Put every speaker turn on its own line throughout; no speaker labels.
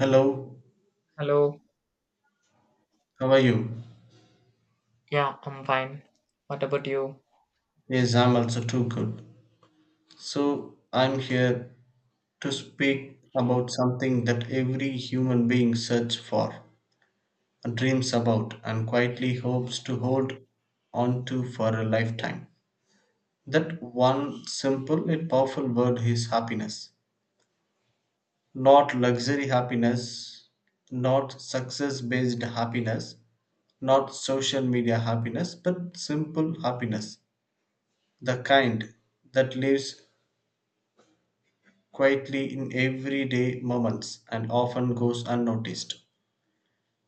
Hello,
Hello.
how are you?
Yeah, I'm fine. What about you?
Yes, I'm also too good. So, I'm here to speak about something that every human being searches for, dreams about, and quietly hopes to hold on to for a lifetime. That one simple yet powerful word is happiness. Not luxury happiness, not success based happiness, not social media happiness, but simple happiness. The kind that lives quietly in everyday moments and often goes unnoticed.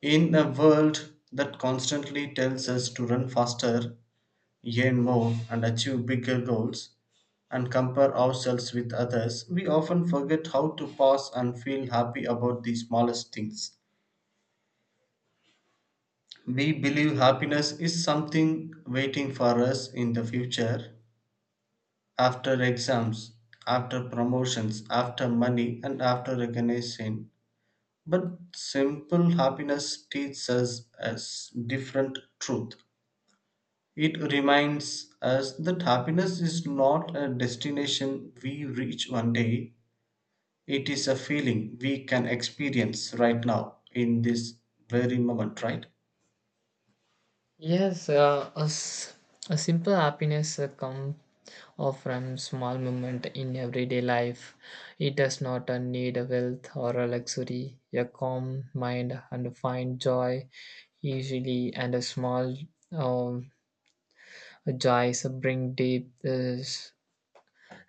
In a world that constantly tells us to run faster, earn more, and achieve bigger goals, and compare ourselves with others, we often forget how to pause and feel happy about the smallest things. We believe happiness is something waiting for us in the future, after exams, after promotions, after money, and after recognition. But simple happiness teaches us as different truth. It reminds us that happiness is not a destination we reach one day. It is a feeling we can experience right now in this very moment, right?
Yes, a simple happiness comes from small moment in everyday life. It does not need a wealth or a luxury. A calm mind and find joy easily, and a small um, joys bring deep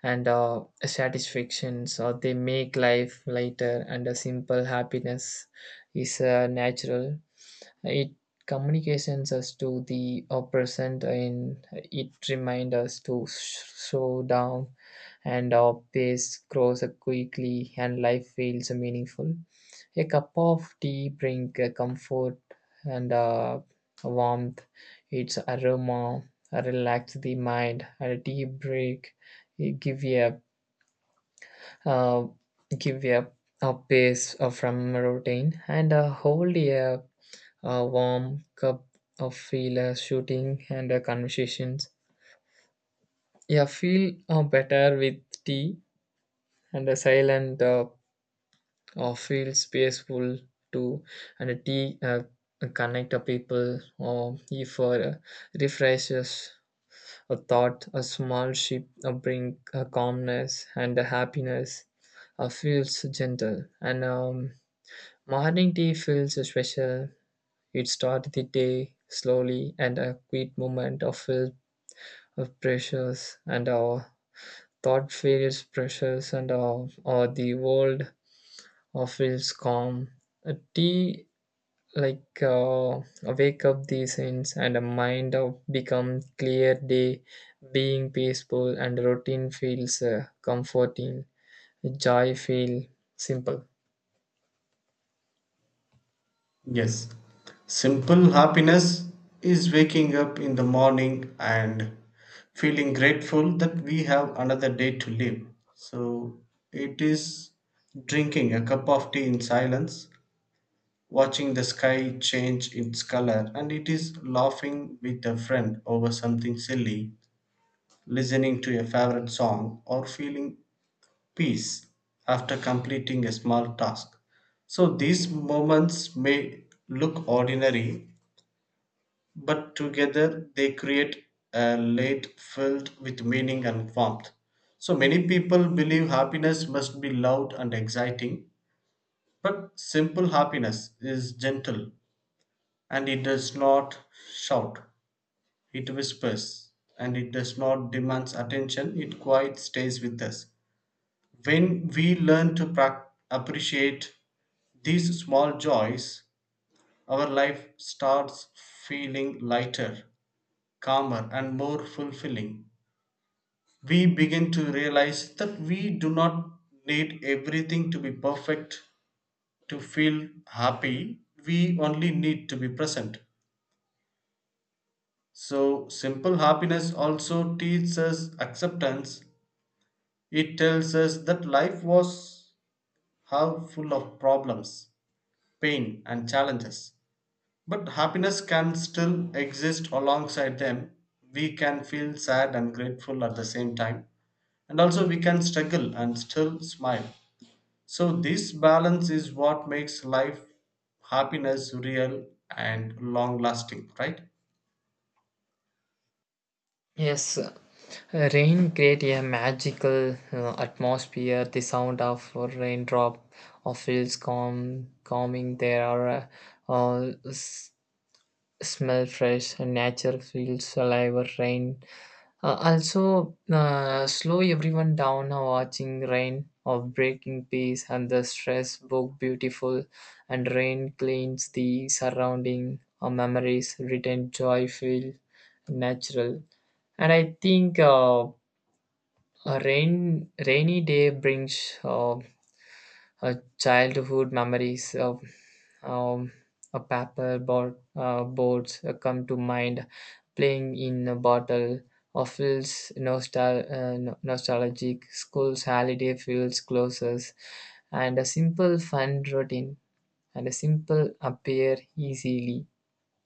and satisfactions. Or they make life lighter, and a simple happiness is natural. It communications us to the present, and it reminds us to slow down, and our pace grows quickly, and life feels meaningful. A cup of tea brings comfort and warmth. Its aroma relax the mind. A tea break, it a uh, give you a pace from routine, and hold a warm cup of filler shooting and conversations. Yeah, feel better with tea, and a silent feels peaceful too. And a tea connect a people, or if refreshes a thought, a small ship bring a calmness and a happiness. Feels gentle, and morning tea feels special. It started the day slowly, and a quiet moment of filled of pressures, and our thought feels pressures, and our or the world feels calm. A tea like wake up the sense, and a mind of become clear day, being peaceful, and routine feels comforting. Joy feel simple.
Yes, simple happiness is waking up in the morning and feeling grateful that we have another day to live. So it is drinking a cup of tea in silence, watching the sky change its color, and it is laughing with a friend over something silly, listening to a favorite song, or feeling peace after completing a small task. So these moments may look ordinary, but together they create a late filled with meaning and warmth. So many people believe happiness must be loud and exciting, but simple happiness is gentle and it does not shout, it whispers and it does not demand attention, it quite stays with us. When we learn to appreciate these small joys, our life starts feeling lighter calmer, and more fulfilling. We begin to realize that we do not need everything to be perfect to feel happy, we only need to be present. So, simple happiness also teaches us acceptance. It tells us that life was how full of problems, pain, and challenges. But happiness can still exist alongside them. We can feel sad and grateful at the same time, and also we can struggle and still smile. So this balance is what makes life happiness real and long lasting, right?
Yes, rain create a magical atmosphere. The sound of a raindrop feels calm, calming. There are uh, s- smell fresh, and nature feels alive. Rain also, slow everyone down, watching rain of breaking peace, and the stress book beautiful, and rain cleans the surrounding memories, return joy feel natural. And I think a rainy day brings childhood memories of um, a paper board, boards come to mind. Playing in a bottle of feels nostalgic. School's holiday feels closer, and a simple fun routine, and a simple appear easily,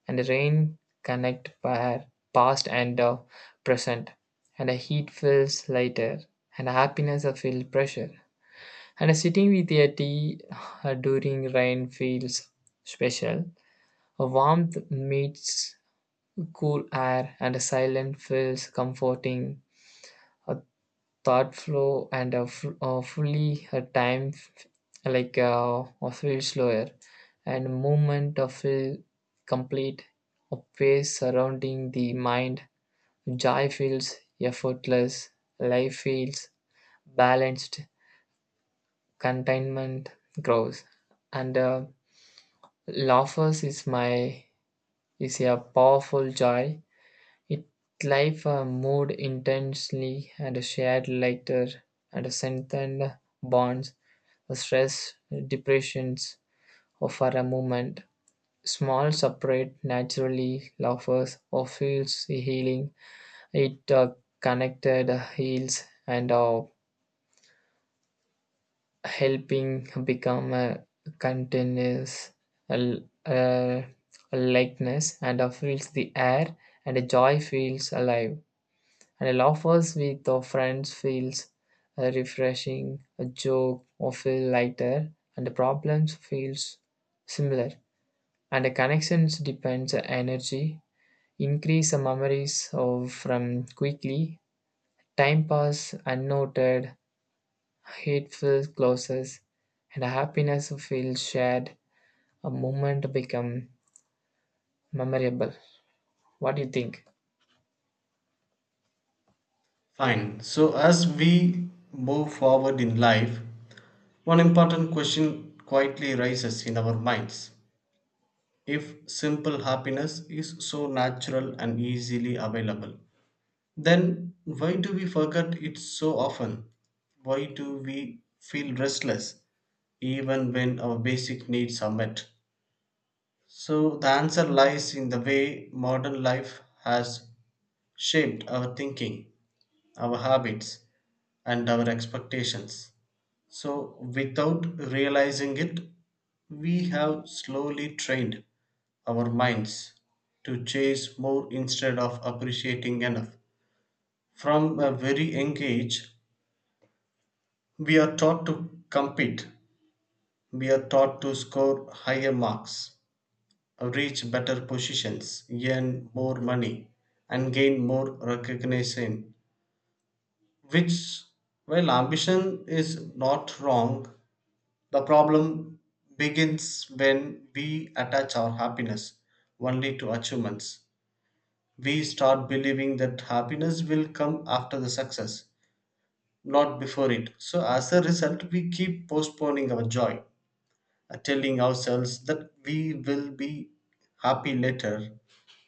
and rain connect pair past and present, and a heat feels lighter, and happiness a feel pressure, and sitting with a tea during rain feels special. A warmth meets cool air, and a silence feels comforting. A thought flow, and a, f- a fully a time f- like a feel slower, and movement of feel complete. A pace surrounding the mind. Joy feels effortless. Life feels balanced. Contentment grows, and. Laughers is a powerful joy. It life a mood intensely, and a shared lighter, and a strengthened bonds, a stress, depressions, or for a moment. Small separate naturally laughers or feels healing. It connected heals and all. Helping become a continuous l- uh, likeness, and fills the air, and a joy feels alive, and a laughers with our friends feels refreshing, a joke or feel lighter, and the problems feels similar, and the connections depends on energy, increase the memories of from quickly, time pass unnoted, it feels closest, and happiness feels shared. A moment become memorable. What do you think?
Fine. So as we move forward in life, one important question quietly rises in our minds. If simple happiness is so natural and easily available, then why do we forget it so often? Why do we feel restless even when our basic needs are met? So, the answer lies in the way modern life has shaped our thinking, our habits, and our expectations. So, without realizing it, we have slowly trained our minds to chase more instead of appreciating enough. From a very young age, we are taught to compete, we are taught to score higher marks, reach better positions, earn more money, and gain more recognition. Which, while ambition is not wrong, the problem begins when we attach our happiness only to achievements. We start believing that happiness will come after the success, not before it. So, as a result, we keep postponing our joy, telling ourselves that we will be happy later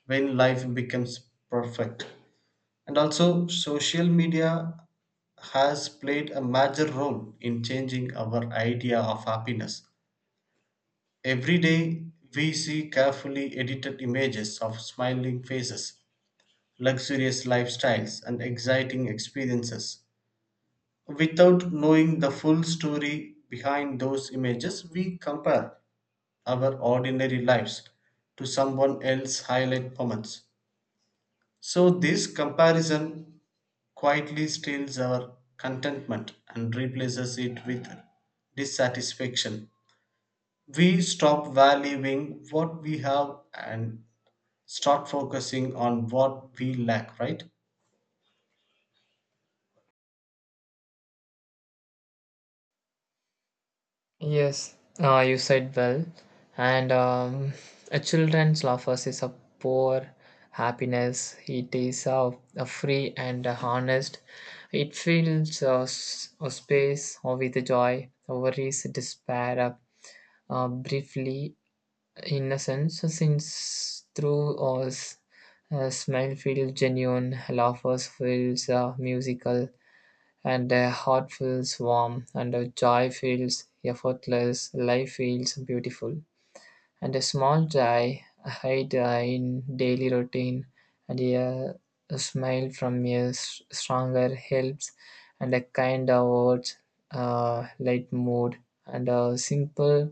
when life becomes perfect. And also, social media has played a major role in changing our idea of happiness. Every day, we see carefully edited images of smiling faces, luxurious lifestyles, and exciting experiences. Without knowing the full story behind those images, we compare our ordinary lives to someone else's highlight moments. So, this comparison quietly steals our contentment and replaces it with dissatisfaction. We stop valuing what we have and start focusing on what we lack, right?
Yes, you said well. And a children's laughers is a poor happiness. It is a free and a honest. It fills a space with joy, worries, despair, briefly. In a sense, since through us, smile feels genuine, laughter feels musical, and the heart feels warm, and the joy feels effortless, life feels beautiful, and a small joy hide in daily routine, and a smile from a stronger helps, and a kind of words light mood, and a simple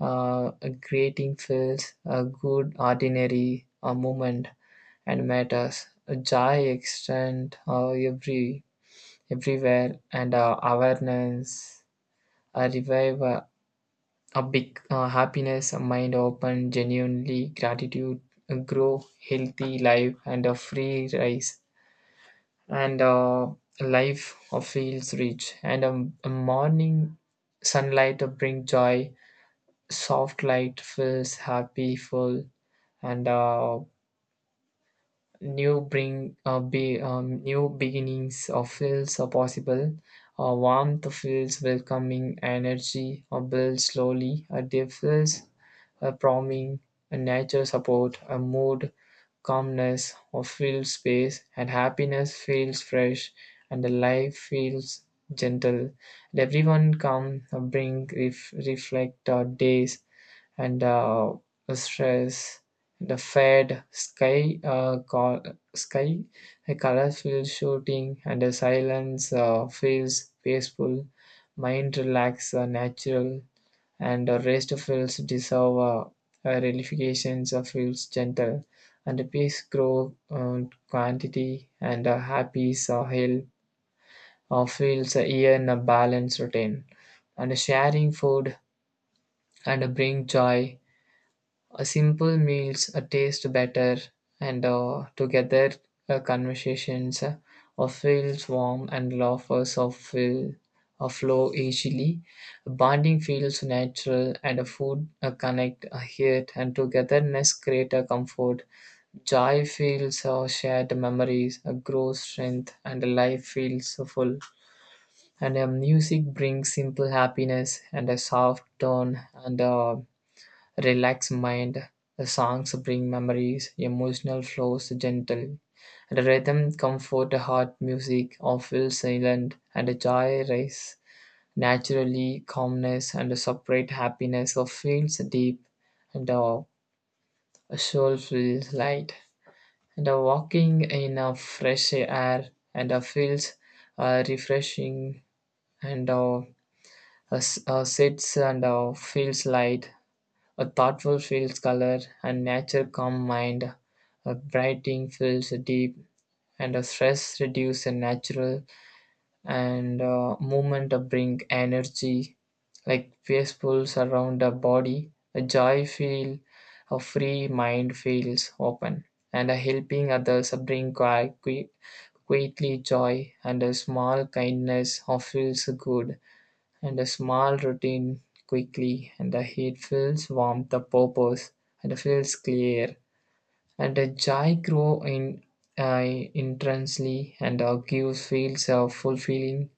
a greeting feels a good ordinary a moment, and matters a joy extend everywhere, and awareness a revive a big happiness, a mind open, genuinely gratitude, a grow healthy life, and a free rise, and a life of feels rich, and a morning sunlight to bring joy, soft light feels happy full, and new bring be new beginnings feels are possible, warmth feels welcoming, energy builds slowly, a day feels promising, a nature support a mood, calmness or feels space, and happiness feels fresh, and the life feels gentle, and everyone come reflect days, and stress the fade sky sky a colorful shooting, and a silence feels peaceful, mind relax, natural, and a rest feels dissolve. Relaxation feels gentle, and the peace grow quantity, and a happy hill feels in a balanced routine, and sharing food and bring joy, a simple meals taste better, and together conversations feels warm, and laughers of feel flow easily. Bonding feels natural, and a food connect a heart, and togetherness create a comfort. Joy feels shared memories, a grow strength, and life feels full. And music brings simple happiness, and a soft tone and. Relax mind. The songs bring memories, emotional flows gentle. The rhythm comfort the heart, music of will silent, and a joy rise naturally, calmness and a separate happiness of feels deep, and a soul feels light. And a walking in a fresh air and a feels refreshing, and sits and feels light, a thoughtful feels color, and nature calm mind. A brighting feels deep, and a stress reduce a natural, and movement bring energy, like peaceful surround the body. A joy feel, a free mind feels open, and a helping others bring greatly joy, and a small kindness feels good, and a small routine quickly, and the heat feels warm, the purpose, and it feels clear, and a joy grow in uh, intensely, and gives feels of fulfilling,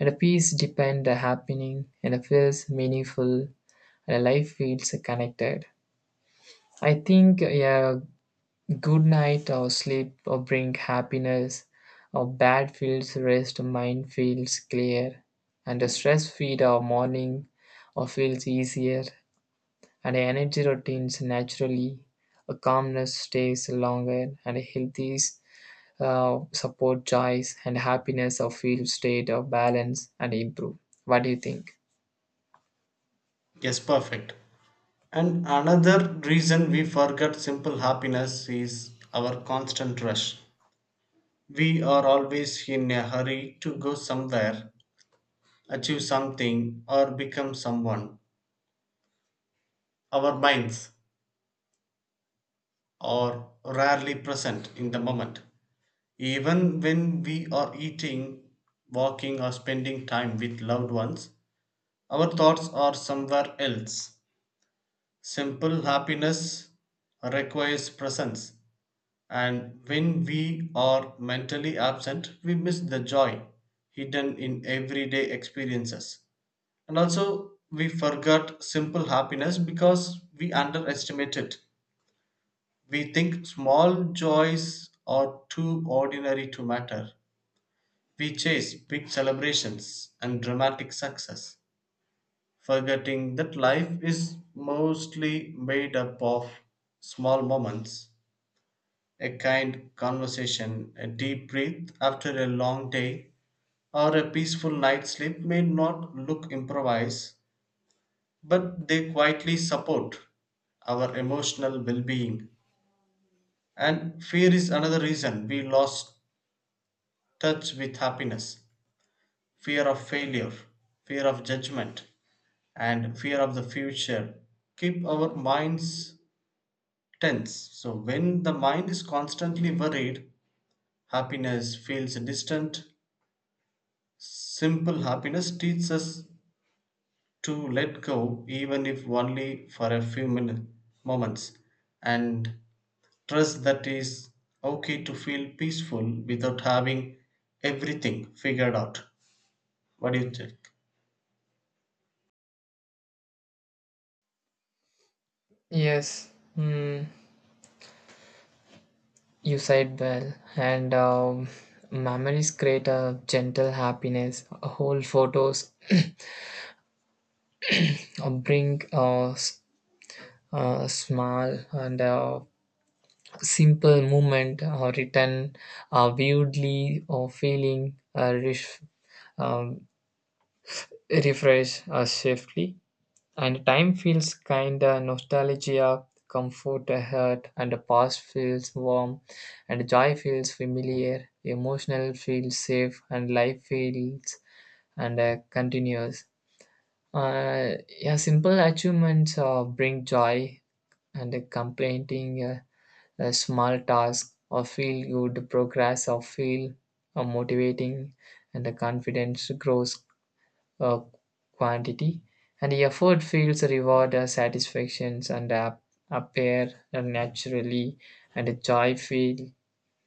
and a peace depend the happening, and it feels meaningful, and the life feels connected. I think, yeah, good night or sleep or bring happiness, or bad feels rest, mind feels clear, and a stress feed or morning or feels easier, and energy routines naturally, a calmness stays longer, and a healthy support joys, and happiness or feel state of balance and improve. What do you think?
Yes, perfect. And another reason we forget simple happiness is our constant rush. We are always in a hurry to go somewhere, achieve something, or become someone. Our minds are rarely present in the moment. Even when we are eating, walking, or spending time with loved ones, our thoughts are somewhere else. Simple happiness requires presence, and when we are mentally absent, we miss the joy hidden in everyday experiences. And also, we forgot simple happiness because we underestimate it. We think small joys are too ordinary to matter. We chase big celebrations and dramatic success, forgetting that life is mostly made up of small moments. A kind conversation, a deep breath after a long day, or a peaceful night's sleep may not look improvised, but they quietly support our emotional well being. And fear is another reason we lost touch with happiness. Fear of failure, fear of judgment, and fear of the future keep our minds tense. So, when the mind is constantly worried, happiness feels distant. Simple happiness teaches us to let go, even if only for a few minutes, moments. And trust that is okay to feel peaceful without having everything figured out. What do you think?
Yes. Hmm. You said well, and memories create a gentle happiness. Whole photos bring a small and a simple movement written vividly or feeling um, refresh safely. And time feels kinda nostalgia, comfort a hurt, and the past feels warm, and joy feels familiar, emotional feels safe, and life feels and continuous. Yeah, simple achievements bring joy, and completing a small task or feel good, progress or feel motivating, and the confidence grows uh, quantity, and the effort feels reward satisfactions, and appear naturally, and the joy feel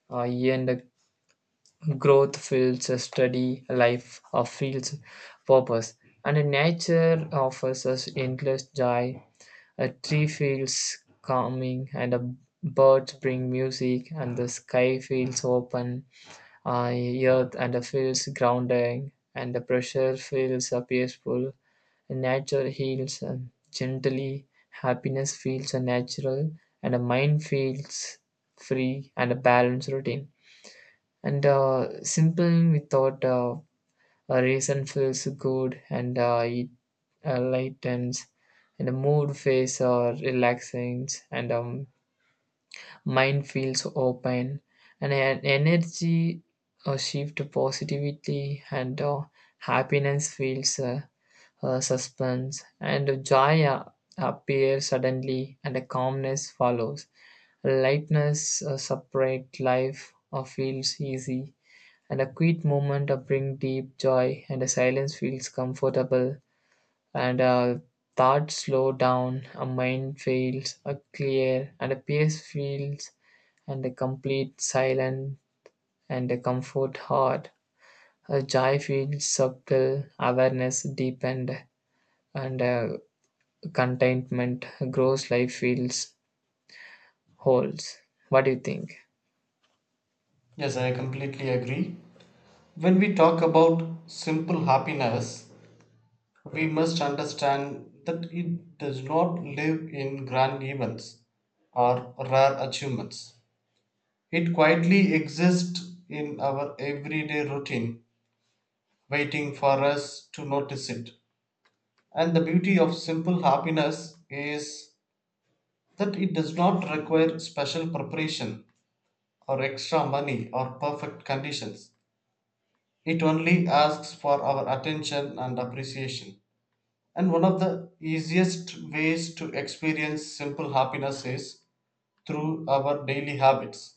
and the growth feels a steady life feels purpose, and the nature offers us endless joy. A tree feels calming, and a birds bring music, and the sky feels open. Uh, Earth and the feels grounding, and the pressure feels peaceful. Nature heals gently, happiness feels natural, and a mind feels free, and a balanced routine. And simple without a reason feels good, and it lightens, and the mood face relaxing, and mind feels open, and an energy shift to positivity, and happiness feels suspense, and joy appears suddenly, and a calmness follows, lightness separate life feels easy, and a quiet moment bring deep joy, and a silence feels comfortable, and a third slow down, a mind feels a clear, and a peace feels, and a complete silence, and a comfort heart. A joy feels subtle, awareness deepened, and a contentment grows. Life feels holds. What do you think?
Yes, I completely agree. When we talk about simple happiness, we must understand that it does not live in grand events or rare achievements. It quietly exists in our everyday routine, waiting for us to notice it. And the beauty of simple happiness is that it does not require special preparation or extra money or perfect conditions. It only asks for our attention and appreciation. And one of the easiest ways to experience simple happiness is through our daily habits.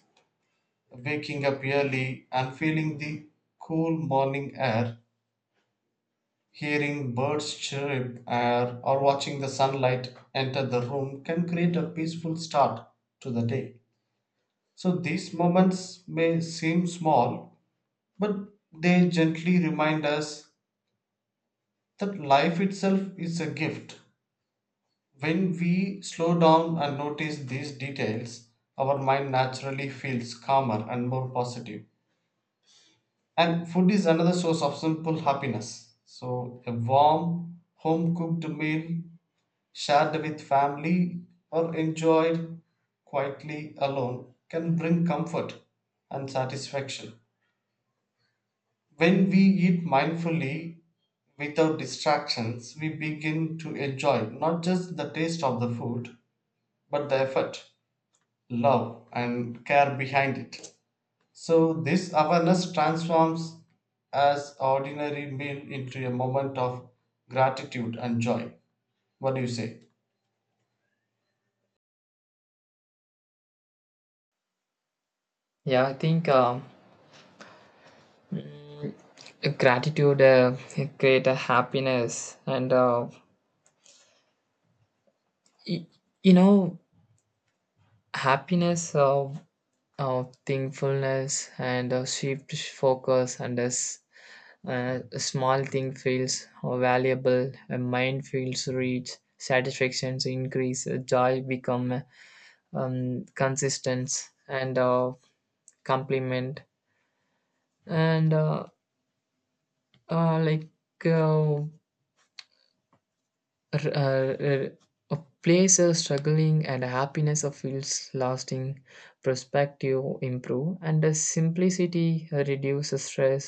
Waking up early and feeling the cool morning air, hearing birds chirp, or watching the sunlight enter the room can create a peaceful start to the day. So these moments may seem small, but they gently remind us that life itself is a gift. When we slow down and notice these details, our mind naturally feels calmer and more positive. And food is another source of simple happiness. So, a warm, home cooked meal shared with family or enjoyed quietly alone can bring comfort and satisfaction. When we eat mindfully without distractions, we begin to enjoy not just the taste of the food, but the effort, love, and care behind it. So, this awareness transforms as ordinary meal into a moment of gratitude and joy. What do you say?
Yeah, I think, mm, gratitude create a happiness, and uh, y- you know happiness. Thankfulness and a shift focus, and as a small thing feels valuable, a mind feels rich, satisfactions increase, joy become consistent, and complement and like uh, r- a place of struggling, and happiness of feels lasting, perspective improve, and the simplicity reduces stress,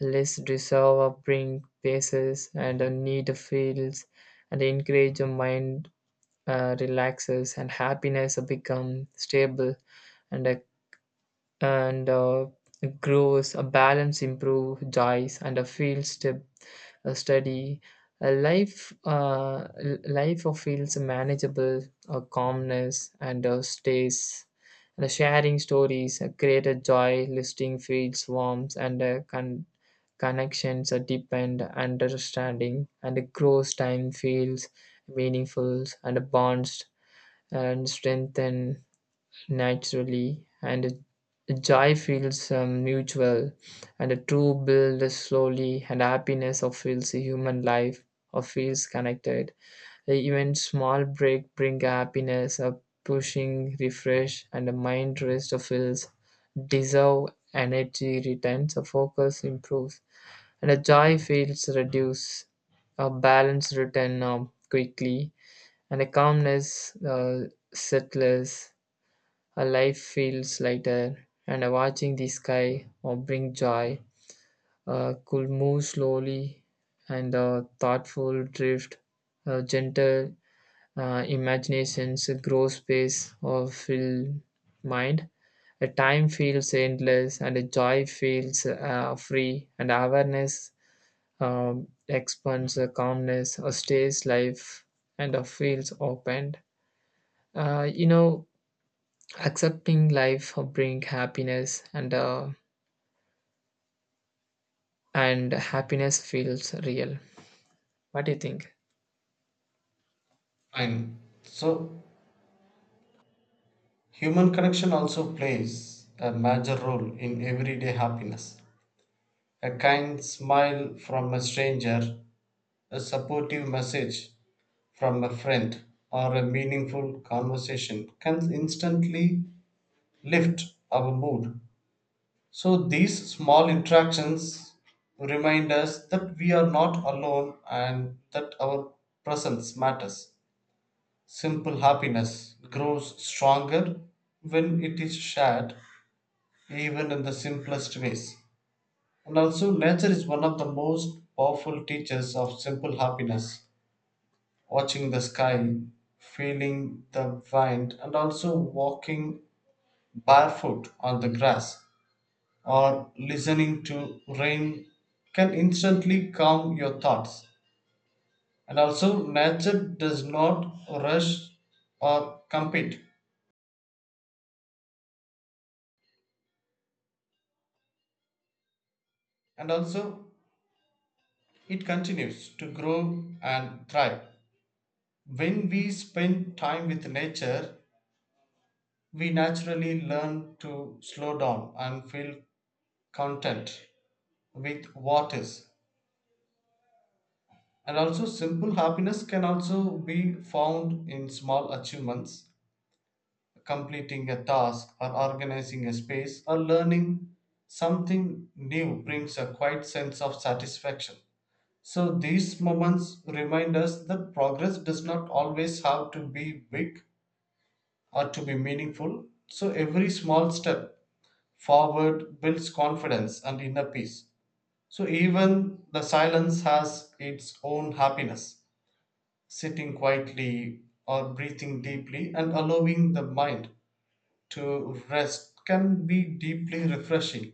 less resolve of bring paces, and a need of feels and encourage a mind relaxes, and happiness become stable, and a and grows, a balance improve, dies, and a field step a study. A life, life of feels manageable, a calmness, and a stays. And a sharing stories, a greater joy, listing feels warmth, and a connections are deepened, understanding, and a grows time feels meaningful, and a bonds and strengthen naturally, and joy feels mutual, and a true build slowly, and happiness of feels human life or feels connected. Even small break bring happiness, a pushing refresh, and a mind rest of feels dissolve, energy returns, a focus improves, and a joy feels reduce, a balance return quickly, and a calmness settles, a life feels lighter, and watching the sky or bring joy. Could move slowly, and thoughtful drift, gentle imaginations, grow space or fill mind. A time feels endless, and a joy feels free, and awareness expands, calmness stays life, and feels opened. Uh, you know, Accepting life bring happiness, and and happiness feels real. What do you think?
Fine. So, human connection also plays a major role in everyday happiness. A kind smile from a stranger, a supportive message from a friend, or a meaningful conversation can instantly lift our mood. So these small interactions remind us that we are not alone and that our presence matters. Simple happiness grows stronger when it is shared, even in the simplest ways. And also, nature is one of the most powerful teachers of simple happiness. Watching the sky, feeling the wind, and also walking barefoot on the grass or listening to rain can instantly calm your thoughts. And also, nature does not rush or compete, and also, it continues to grow and thrive. When we spend time with nature, we naturally learn to slow down and feel content with what is. And also, simple happiness can also be found in small achievements. Completing a task or organizing a space or learning something new brings a quiet sense of satisfaction. So, these moments remind us that progress does not always have to be big or to be meaningful. So, every small step forward builds confidence and inner peace. So, even the silence has its own happiness. Sitting quietly or breathing deeply and allowing the mind to rest can be deeply refreshing.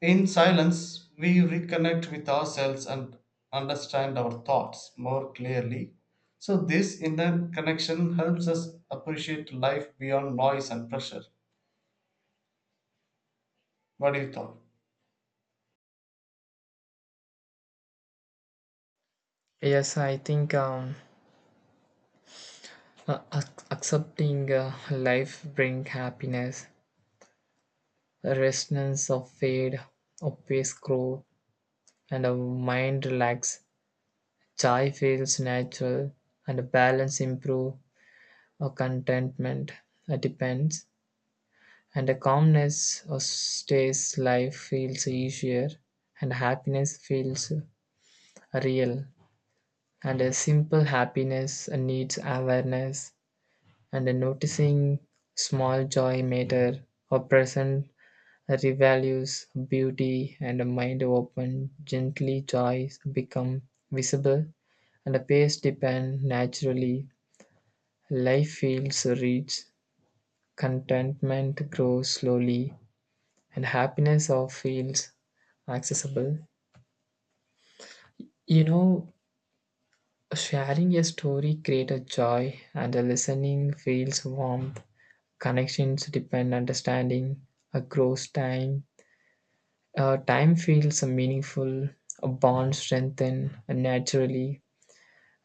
In silence, we reconnect with ourselves and understand our thoughts more clearly. So, this inner connection helps us appreciate life beyond noise and pressure. What do you thought?
Yes, I think, accepting life bring happiness, a resonance of fade, a face grow, and a mind relax, joy feels natural, and a balance improve, a contentment depends, and a calmness stays, life feels easier, and happiness feels real, and a simple happiness needs awareness and a noticing, small joy matter or present, revalues beauty, and a mind open gently, joys become visible, and a pace depend naturally, life feels rich, contentment grows slowly, and happiness of feels accessible, you know. Sharing a story creates a joy, and the listening feels warmth. Connections depend understanding. A grows time. Time feels meaningful. A bond strengthen naturally.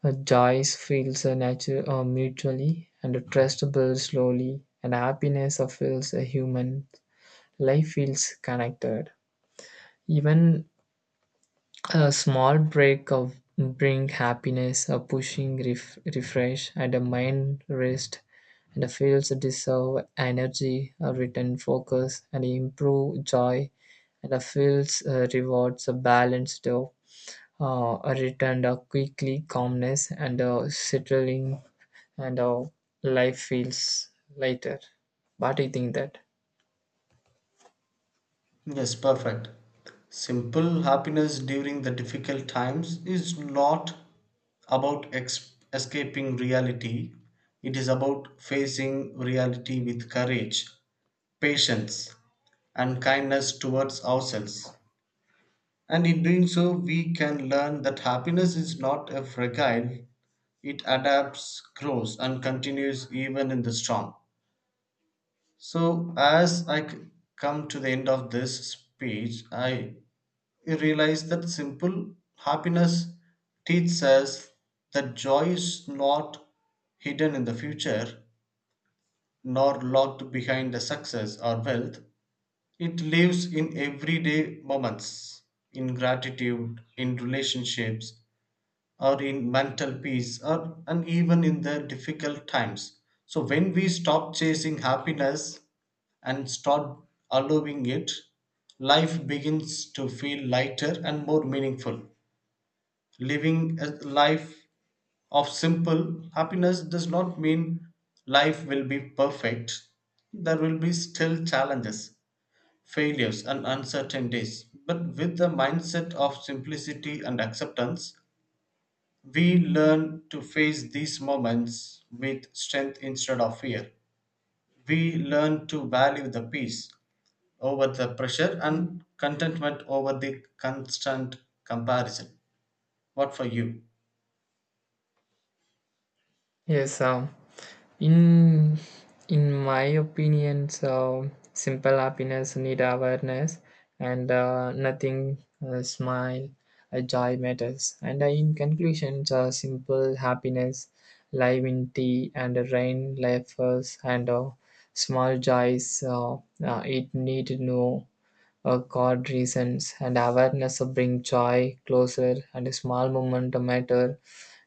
A joy feels mutually, and a trust builds slowly. And happiness feels human. Life feels connected. Even a small break of bring happiness, a pushing refresh, and a mind rest, and a feels deserve energy, a return focus, and improve joy, and a feels rewards a balanced, of a return a quickly calmness, and a settling, and our life feels lighter. What do you think that?
Yes, perfect. Simple happiness during the difficult times is not about escaping reality, it is about facing reality with courage, patience, and kindness towards ourselves. And in doing so, we can learn that happiness is not a fragile, it adapts, grows, and continues even in the storm. So, as come to the end of this speech, I You realize that simple happiness teaches us that joy is not hidden in the future, nor locked behind the success or wealth. It lives in everyday moments, in gratitude, in relationships, or in mental peace, or and even in the difficult times. So when we stop chasing happiness and start allowing it, life begins to feel lighter and more meaningful. Living a life of simple happiness does not mean life will be perfect. There will be still challenges, failures, and uncertainties. But with the mindset of simplicity and acceptance, we learn to face these moments with strength instead of fear. We learn to value the peace over the pressure and contentment over the constant comparison. What for you?
Yes, in in my opinion, so simple happiness need awareness, and nothing smile joy matters. And in conclusion, so simple happiness live in tea and rain life first, and small joys, it need no God reasons, and awareness bring joy closer, and a small moment matter,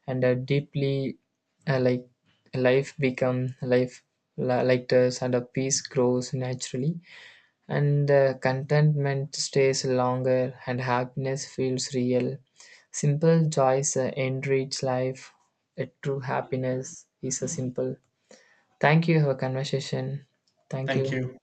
and a deeply uh, like life become lighter, and a peace grows naturally, and contentment stays longer, and happiness feels real. Simple joys enrich life. A true happiness is a simple. Thank you for conversation. Thank
Thank
you.
you.